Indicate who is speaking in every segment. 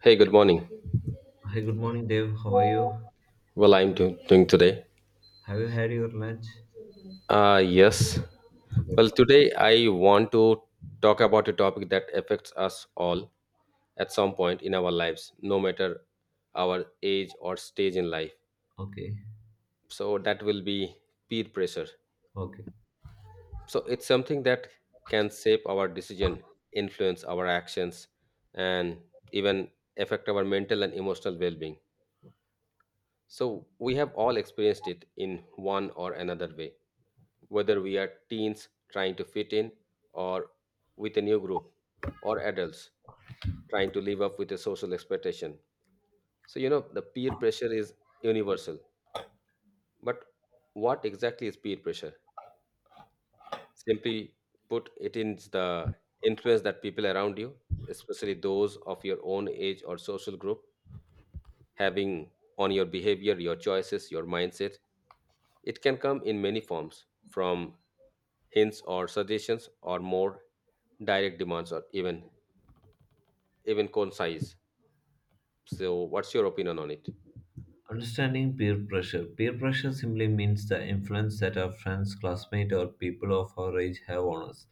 Speaker 1: Hey, good morning.
Speaker 2: Hi, good morning, Dave. How are you?
Speaker 1: Well, I'm doing today.
Speaker 2: Have you had your lunch?
Speaker 1: Yes.
Speaker 2: Okay,
Speaker 1: Well,
Speaker 2: fine.
Speaker 1: today I want to talk about a topic that affects us all at some point in our lives, no matter our age or stage in life.
Speaker 2: Okay,
Speaker 1: So that will be peer pressure.
Speaker 2: okay.
Speaker 1: So it's something that can shape our decision, influence our actions, and even affect our mental and emotional well-being. So we have all experienced it in one or another way, whether we are teens trying to fit in or with a new group, or adults trying to live up with a social expectation. So you know the peer pressure is universal, but what exactly is peer pressure? Simply put, it is the influence that people around you, especially those of your own age or social group, having on your behavior, your choices, your mindset. It can come in many forms, from hints or suggestions or more direct demands, or even cone size. So, what's your opinion on it?
Speaker 2: Understanding peer pressure. Peer pressure simply means the influence that our friends, classmates, or people of our age have on us.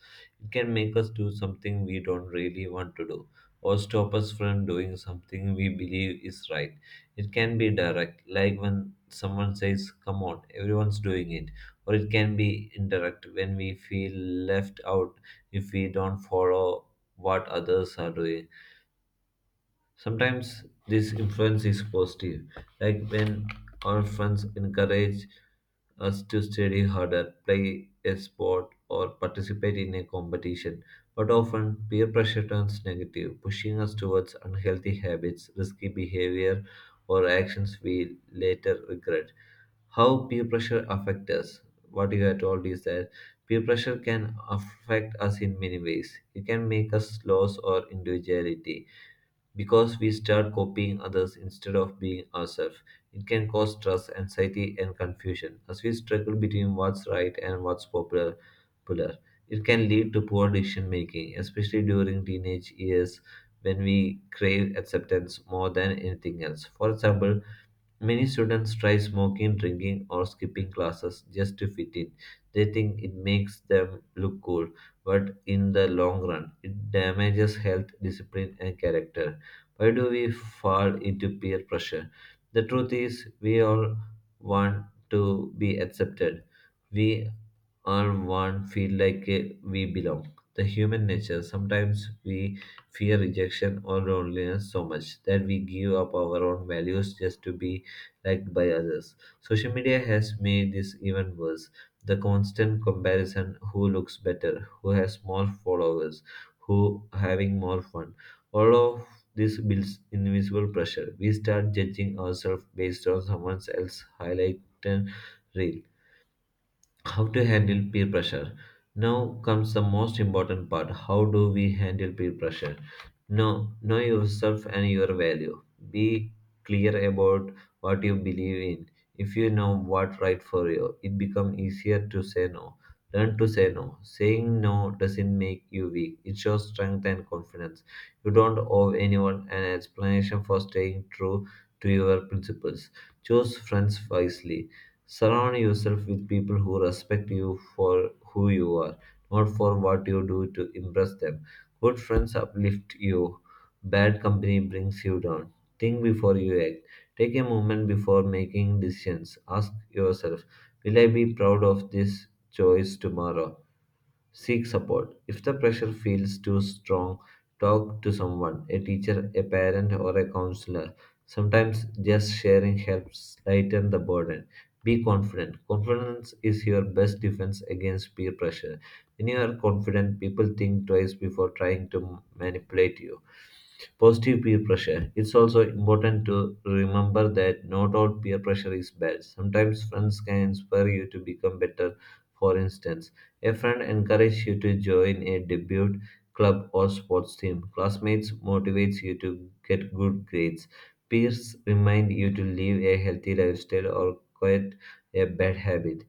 Speaker 2: It can make us do something we don't really want to do, or stop us from doing something we believe is right. It can be direct, like when someone says, come on, everyone's doing it, or it can be indirect, when we feel left out if we don't follow what others are doing. Sometimes this influence is positive, like when our friends encourage us to study harder, play a sport, or participate in a competition. But often, peer pressure turns negative, pushing us towards unhealthy habits, risky behavior, or actions we later regret. How peer pressure affects us? What you have told is that peer pressure can affect us in many ways. It can make us lose our individuality because we start copying others instead of being ourselves. It can cause stress, anxiety, and confusion as we struggle between what's right and what's popular. It can lead to poor decision making, especially during teenage years when we crave acceptance more than anything else. For example, many students try smoking, drinking, or skipping classes just to fit in. They think it makes them look cool, but in the long run, it damages health, discipline, and character. Why do we fall into peer pressure? The truth is, we all want to be accepted. We all want feel like we belong. The human nature. Sometimes we fear rejection or loneliness so much that we give up our own values just to be liked by others. Social media has made this even worse. The constant comparison: who looks better, who has more followers, who having more fun. All of this builds invisible pressure. We start judging ourselves based on someone else's highlight and reel. How to handle peer pressure? Now comes the most important part. How do we handle peer pressure? Know yourself and your value. Be clear about what you believe in. If you know what right for you, it becomes easier to say no. Learn to say no. Saying no doesn't make you weak. It shows strength and confidence. You don't owe anyone an explanation for staying true to your principles. Choose friends wisely. Surround yourself with people who respect you for who you are, not for what you do to impress them. Good friends uplift you, bad company brings you down. Think before you act. Take a moment before making decisions. Ask yourself, will I be proud of this choice tomorrow? Seek support. If the pressure feels too strong, talk to someone, a teacher, a parent, or a counselor. Sometimes just sharing helps lighten the burden. Be confident. Confidence is your best defense against peer pressure. When you are confident, people think twice before trying to manipulate you. Positive peer pressure. It's also important to remember that not all peer pressure is bad. Sometimes friends can inspire you to become better. For instance, a friend encourages you to join a debut club or sports team. Classmates motivates you to get good grades. Peers remind you to live a healthy lifestyle or quit a bad habit.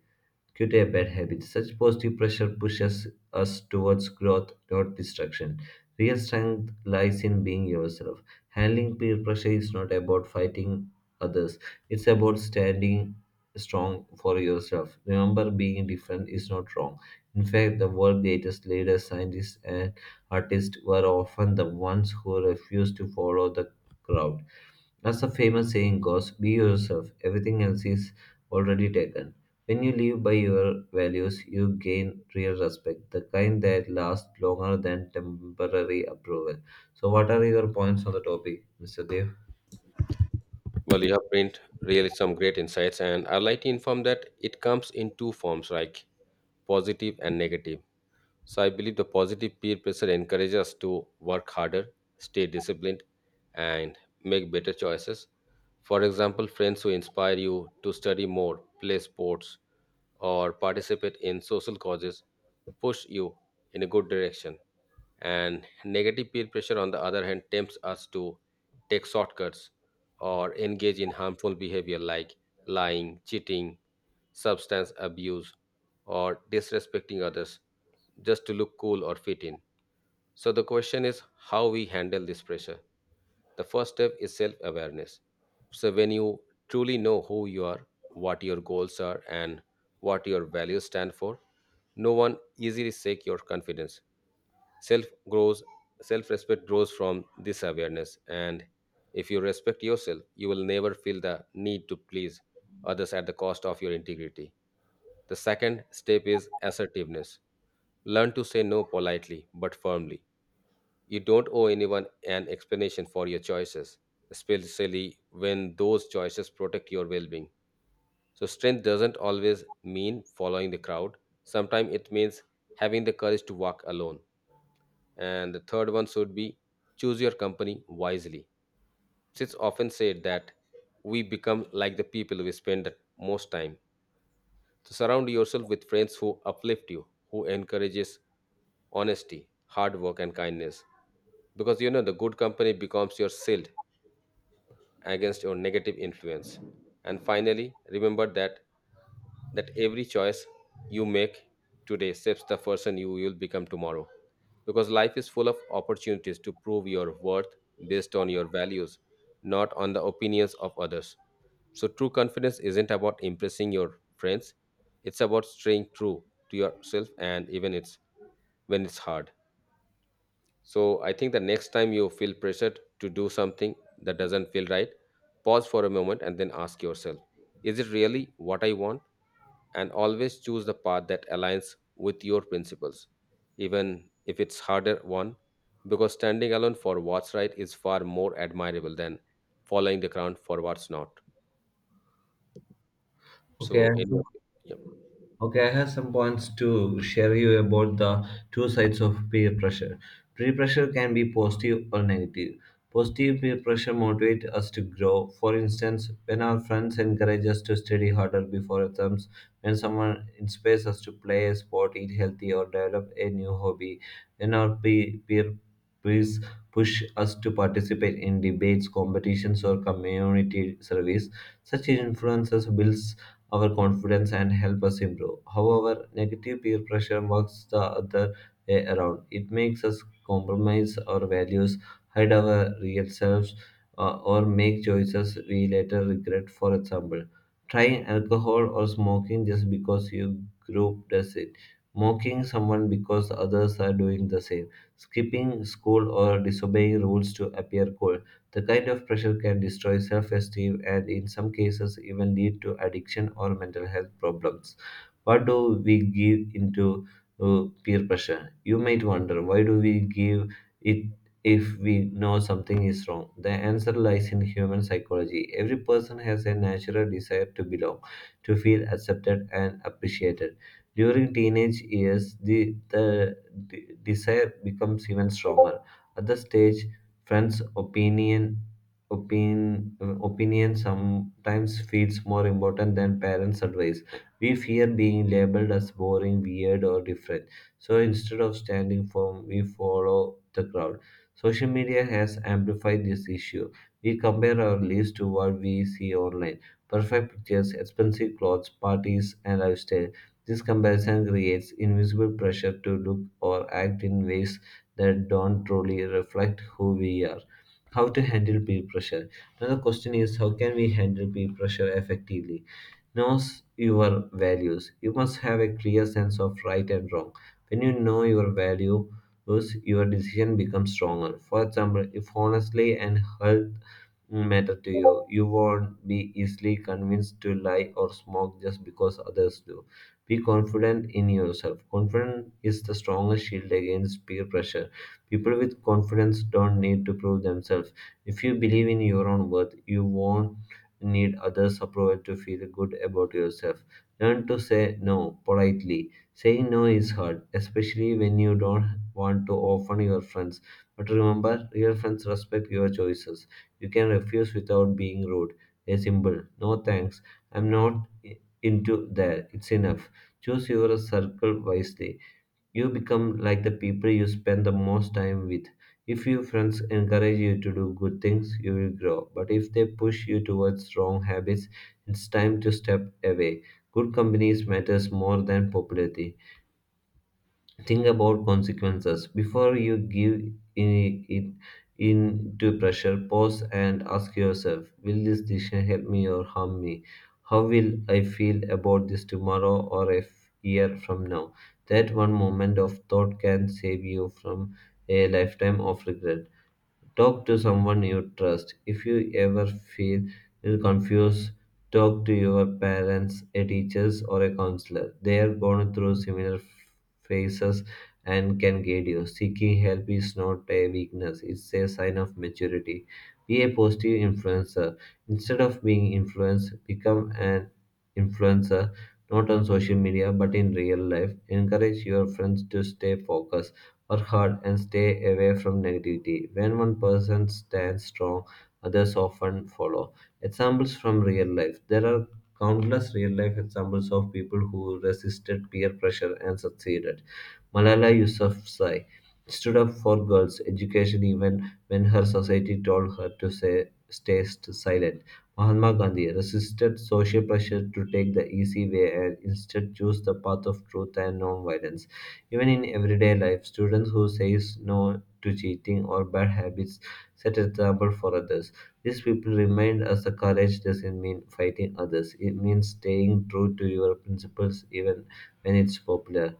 Speaker 2: Quit a bad habit. Such positive pressure pushes us towards growth, not destruction. Real strength lies in being yourself. Handling peer pressure is not about fighting others, it's about standing strong for yourself. Remember, being different is not wrong. In fact, the world's greatest leaders, scientists, and artists were often the ones who refused to follow the crowd. As the famous saying goes, be yourself, everything else is already taken. When you live by your values, you gain real respect, the kind that lasts longer than temporary approval. So, what are your points on the topic, Mr. Dev?
Speaker 1: Well, you have brought really some great insights, and I'd like to inform that it comes in two forms, like positive and negative. So I believe the positive peer pressure encourages us to work harder, stay disciplined, and make better choices. For example, friends who inspire you to study more, play sports, or participate in social causes push you in a good direction. And negative peer pressure, on the other hand, tempts us to take shortcuts or engage in harmful behavior like lying, cheating, substance abuse, or disrespecting others just to look cool or fit in. So the question is how we handle this pressure. The first step is self awareness. So when you truly know who you are, what your goals are, and what your values stand for, no one easily shake your confidence. Self grows, self respect grows from this awareness, and if you respect yourself, you will never feel the need to please others at the cost of your integrity. The second step is assertiveness. Learn to say no politely but firmly. You don't owe anyone an explanation for your choices, especially when those choices protect your well-being. So strength doesn't always mean following the crowd. Sometimes it means having the courage to walk alone. And the third one should be, choose your company wisely. It's often said that we become like the people we spend the most time. So surround yourself with friends who uplift you, who encourages honesty, hard work, and kindness. Because you know the good company becomes your shield against your negative influence. And finally, remember that every choice you make today shapes the person you will become tomorrow. Because life is full of opportunities to prove your worth based on your values, not on the opinions of others. So, true confidence isn't about impressing your friends, it's about staying true to yourself and even it's, when it's hard. So I think the next time you feel pressured to do something that doesn't feel right, pause for a moment and then ask yourself, is it really what I want? And always choose the path that aligns with your principles, even if it's harder one, because standing alone for what's right is far more admirable than following the crowd for what's not.
Speaker 2: Okay,
Speaker 1: So any of yeah.
Speaker 2: Okay, I have some points to share you about the two sides of peer pressure. Peer pressure can be positive or negative. Positive peer pressure motivates us to grow. For instance, when our friends encourage us to study harder before exams, when someone inspires us to play a sport, eat healthy, or develop a new hobby, when our peers push us to participate in debates, competitions, or community service, such influences build our confidence and help us improve. However, negative peer pressure works the other way around. It makes us compromise our values, hide our real selves, or make choices we later regret. For example, trying alcohol or smoking just because your group does it, mocking someone because others are doing the same, skipping school or disobeying rules to appear cool. The kind of pressure can destroy self esteem and, in some cases, even lead to addiction or mental health problems. What do we give into peer pressure? You might wonder why do we give it if we know something is wrong? The answer lies in human psychology. Every person has a natural desire to belong, to feel accepted and appreciated. During teenage years, the desire becomes even stronger. At the stage, friends' opinion sometimes feels more important than parents' advice. We fear being labeled as boring, weird, or different. So instead of standing firm, we follow the crowd. Social media has amplified this issue. We compare our lives to what we see online: perfect pictures, expensive clothes, parties, and lifestyle. This comparison creates invisible pressure to look or act in ways that don't truly reflect who we are. How to handle peer pressure? Another question is how can we handle peer pressure effectively? Knows your values. You must have a clear sense of right and wrong. When you know your values, your decision becomes stronger. For example, if honestly and health matter to you, you won't be easily convinced to lie or smoke just because others do. Be confident in yourself. Confidence is the strongest shield against peer pressure. People with confidence don't need to prove themselves. If you believe in your own worth, you won't need others' approval to feel good about yourself. Learn to say no politely. Saying no is hard, especially when you don't want to offend your friends. But remember, real friends respect your choices. You can refuse without being rude. A simple no thanks, I'm not into that. It's enough. Choose your circle wisely. You become like the people you spend the most time with. If your friends encourage you to do good things, you will grow. But if they push you towards wrong habits, it's time to step away. Good companies matters more than popularity. Think about consequences before you give in it in to pressure. Pause and ask yourself, will this decision help me or harm me? How will I feel about this tomorrow, or a year from now? That one moment of thought can save you from a lifetime of regret. Talk to someone you trust. If you ever feel confused, talk to your parents, a teacher, or a counselor. They are going through similar phases and can guide you. Seeking help is not a weakness, it's a sign of maturity. Be a positive influencer. Instead of being influenced, become an influencer, not on social media but in real life. Encourage your friends to stay focused, work hard, and stay away from negativity. When one person stands strong, others often follow. Examples from real life. There are countless real life examples of people who resisted peer pressure and succeeded. Malala Yousafzai stood up for girls' education even when her society told her to stay silent. Mahatma Gandhi resisted social pressure to take the easy way and instead chose the path of truth and non-violence. Even in everyday life, students who says no to cheating or bad habits set an example for others. These people remind us that courage doesn't mean fighting others. It means staying true to your principles even when it's popular.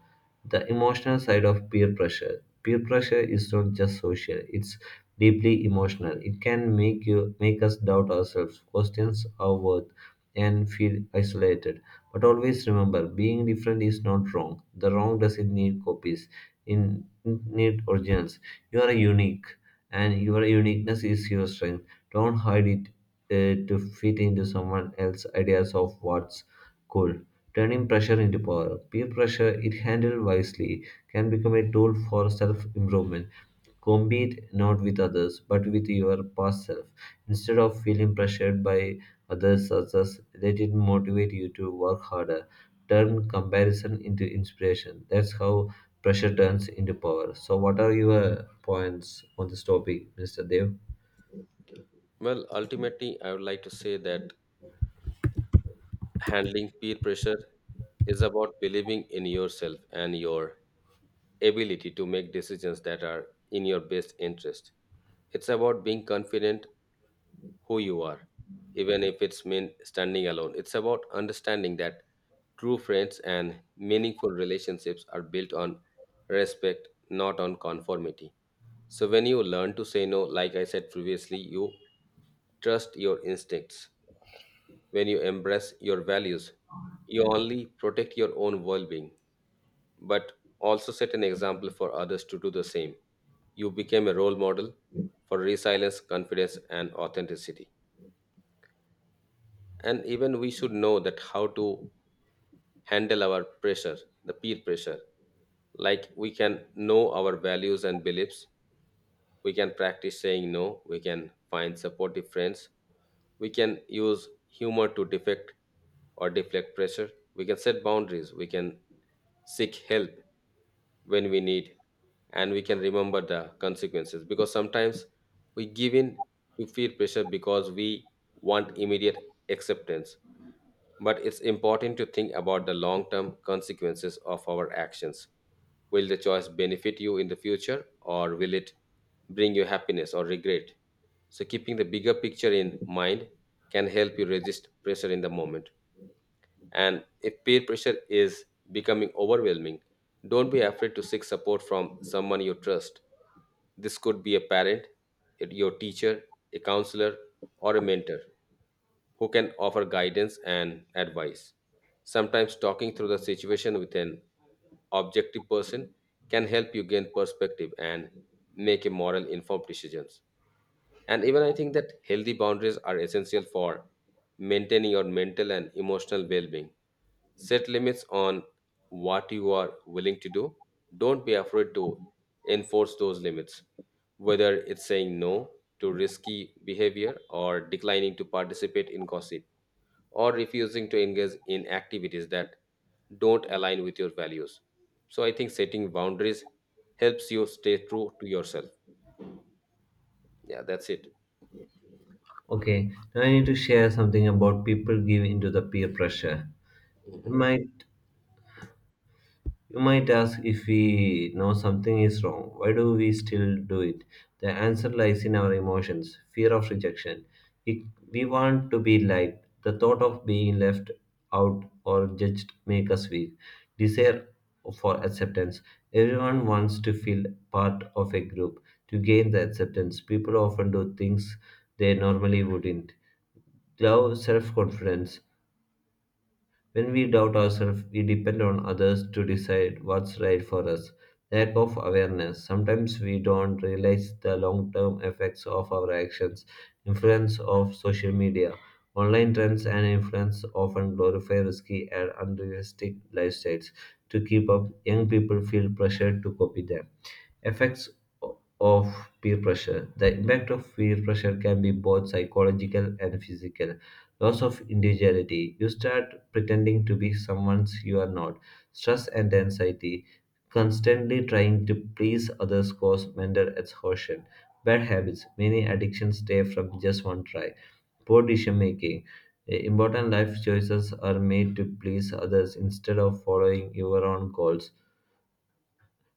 Speaker 2: The emotional side of peer pressure. Peer pressure is not just social, it's deeply emotional. It can make us doubt ourselves, question our worth, and feel isolated. But always remember, being different is not wrong. The wrong doesn't need copies, in it need originals. You are unique, and your uniqueness is your strength. Don't hide it to fit into someone else's ideas of what's cool. Turning pressure into power. Peer pressure, it handled wisely, can become a tool for self improvement. Compete not with others, but with your past self. Instead of feeling pressured by others' success, let it motivate you to work harder. Turn comparison into inspiration. That's how pressure turns into power. So, what are your points on this topic, Mr. Dev?
Speaker 1: Well, ultimately, I would like to say that handling peer pressure is about believing in yourself and your ability to make decisions that are in your best interest. It's about being confident who you are, even if it's mean standing alone. It's about understanding that true friends and meaningful relationships are built on respect, not on conformity. So when you learn to say no, like I said previously, you trust your instincts. When you embrace your values, you only protect your own well-being, but also set an example for others to do the same. You became a role model for resilience, confidence, and authenticity. And even we should know that how to handle our pressure, the peer pressure. Like we can know our values and beliefs. We can practice saying no. We can find supportive friends. We can use humor to defect or deflect pressure. We can set boundaries. We can seek help when we need, and we can remember the consequences, because sometimes we give in to peer pressure because we want immediate acceptance, but it's important to think about the long term consequences of our actions. Will the choice benefit you in the future, or will it bring you happiness or regret? So keeping the bigger picture in mind can help you resist pressure in the moment. And if peer pressure is becoming overwhelming, don't be afraid to seek support from someone you trust. This could be a parent, your teacher, a counselor, or a mentor who can offer guidance and advice. Sometimes talking through the situation with an objective person can help you gain perspective and make a moral informed decisions. And even I think that healthy boundaries are essential for maintaining your mental and emotional well being. Set limits on what you are willing to do. Don't be afraid to enforce those limits, whether it's saying no to risky behavior, or declining to participate in gossip, or refusing to engage in activities that don't align with your values. So I think setting boundaries helps you stay true to yourself. Yeah, that's it.
Speaker 2: Okay, now I need to share something about people give into the peer pressure. You might You might ask, if we know something is wrong, why do we still do it? The answer lies in our emotions, fear of rejection. We, we want to be liked. The thought of being left out or judged make us weak. Desire for acceptance. Everyone wants to feel part of a group. To gain the acceptance, people often do things they normally wouldn't. Love, self confidence. When we doubt ourselves, we depend on others to decide what's right for us. Lack of awareness. Sometimes we don't realize the long term effects of our actions. Influence of social media. Online trends and influence often glorify risky and unrealistic lifestyles. To keep up, young people feel pressured to copy them. Effects of peer pressure. The impact of peer pressure can be both psychological and physical. Loss of individuality. You start pretending to be someone you are not. Stress and anxiety. Constantly trying to please others cause mental exhaustion. Bad habits. Many addictions stay from just one try. Poor decision making. Important life choices are made to please others instead of following your own goals.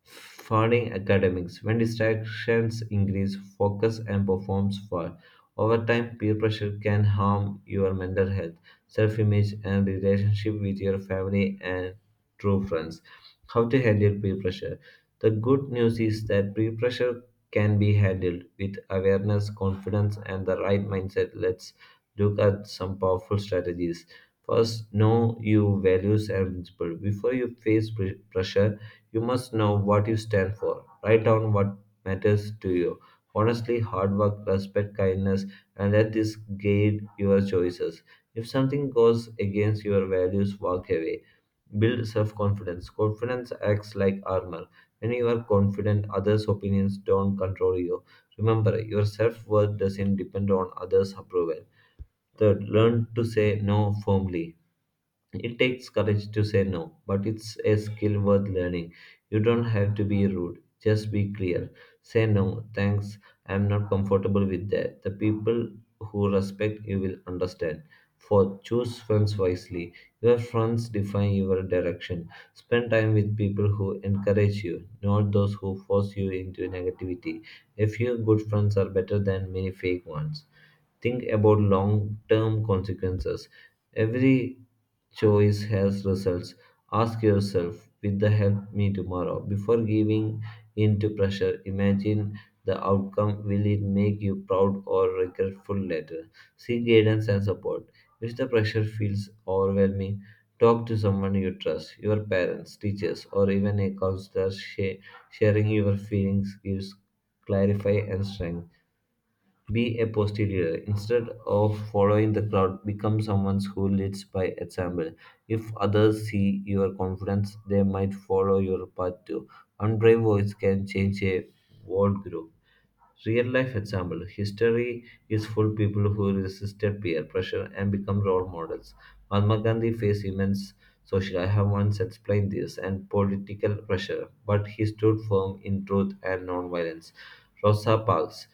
Speaker 2: Funding academics. When distractions increase, focus and performance fall. Over time, peer pressure can harm your mental health, self image, and relationship with your family and true friends. How to handle peer pressure? The good news is that peer pressure can be handled with awareness, confidence, and the right mindset. Let's look at some powerful strategies. First, know your values and principles. Before you face pressure, you must know what you stand for. Write down what matters to you. Honestly, hard work, respect, kindness, and let this guide your choices. If something goes against your values, walk away. Build self confidence. Confidence acts like armor. When you are confident, others' opinions don't control you. Remember, your self worth doesn't depend on others' approval. Third, learn to say no firmly. It takes courage to say no, but it's a skill worth learning. You don't have to be rude, just be clear. Say no, thanks, I'm not comfortable with that. The people who respect you will understand. Fourth, choose friends wisely. Your friends define your direction. Spend time with people who encourage you, not those who force you into negativity. A few good friends are better than many fake ones. Think about long term consequences. Every choice has results. Ask yourself, will the help me tomorrow? Before giving in to pressure, imagine the outcome. Will it make you proud or regretful later? Seek guidance and support. If the pressure feels overwhelming, talk to someone you trust, your parents, teachers, or even a counselor. Sharing your feelings gives clarify and strength. Be a positive leader. Instead of following the crowd, become someone who leads by example. If others see your confidence, they might follow your path too. One brave voice can change a world group. Real life example. History is full people who resisted peer pressure and become role models. Mahatma Gandhi faced immense social, I have once explained this, and political pressure, but he stood firm in truth and nonviolence. Rosa Parks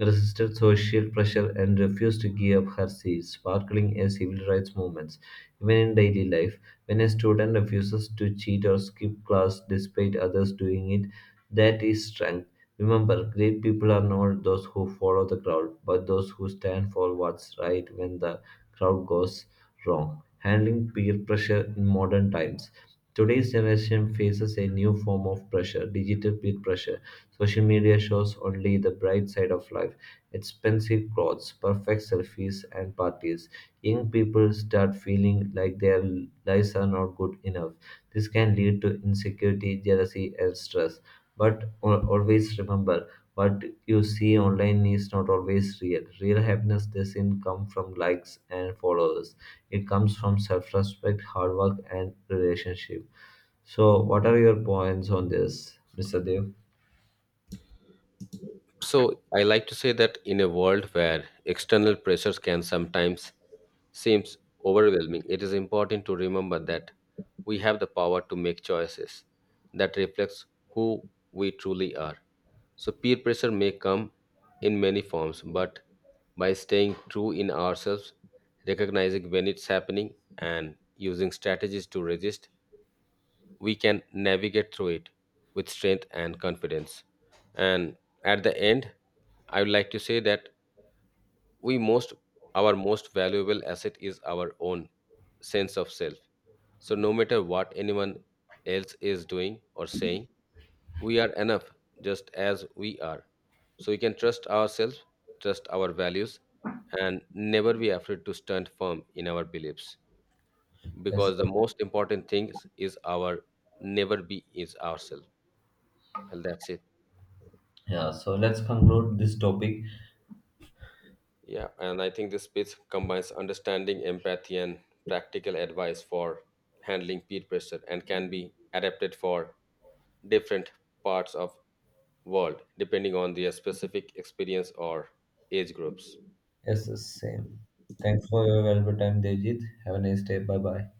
Speaker 2: resisted social pressure and refused to give up her seat, sparkling a civil rights movement. Even in daily life, when a student refuses to cheat or skip class despite others doing it, that is strength. Remember, great people are not those who follow the crowd, but those who stand for what's right when the crowd goes wrong. Handling peer pressure in modern times. Today's generation faces a new form of pressure, digital peer pressure. Social media shows only the bright side of life, expensive clothes, perfect selfies, and parties. Young people start feeling like their lives are not good enough. This can lead to insecurity, jealousy, and stress. But always remember, what you see online is not always real. Real happiness doesn't come from likes and followers, it comes from self respect, hard work, and relationship. So, what are your points on this, Mr. Dev?
Speaker 1: So I like to say that in a world where external pressures can sometimes seems overwhelming, it is important to remember that we have the power to make choices that reflects who we truly are. So peer pressure may come in many forms, but by staying true in ourselves, recognizing when it's happening and using strategies to resist, we can navigate through it with strength and confidence. And at the end, I would like to say that we most our most valuable asset is our own sense of self. So no matter what anyone else is doing or saying, we are enough just as we are. So we can trust ourselves, trust our values, and never be afraid to stand firm in our beliefs,
Speaker 2: Yes.
Speaker 1: because the most important thing is our never be is ourselves. Well, that's it.
Speaker 2: Yeah, so let's conclude this topic.
Speaker 1: Yeah, and I think this speech combines understanding, empathy, and practical advice for handling peer pressure, and can be adapted for different parts of world depending on their specific experience or age groups.
Speaker 2: Yes, the same. Thanks for your valuable time, Devjit. Have a nice day. Bye bye.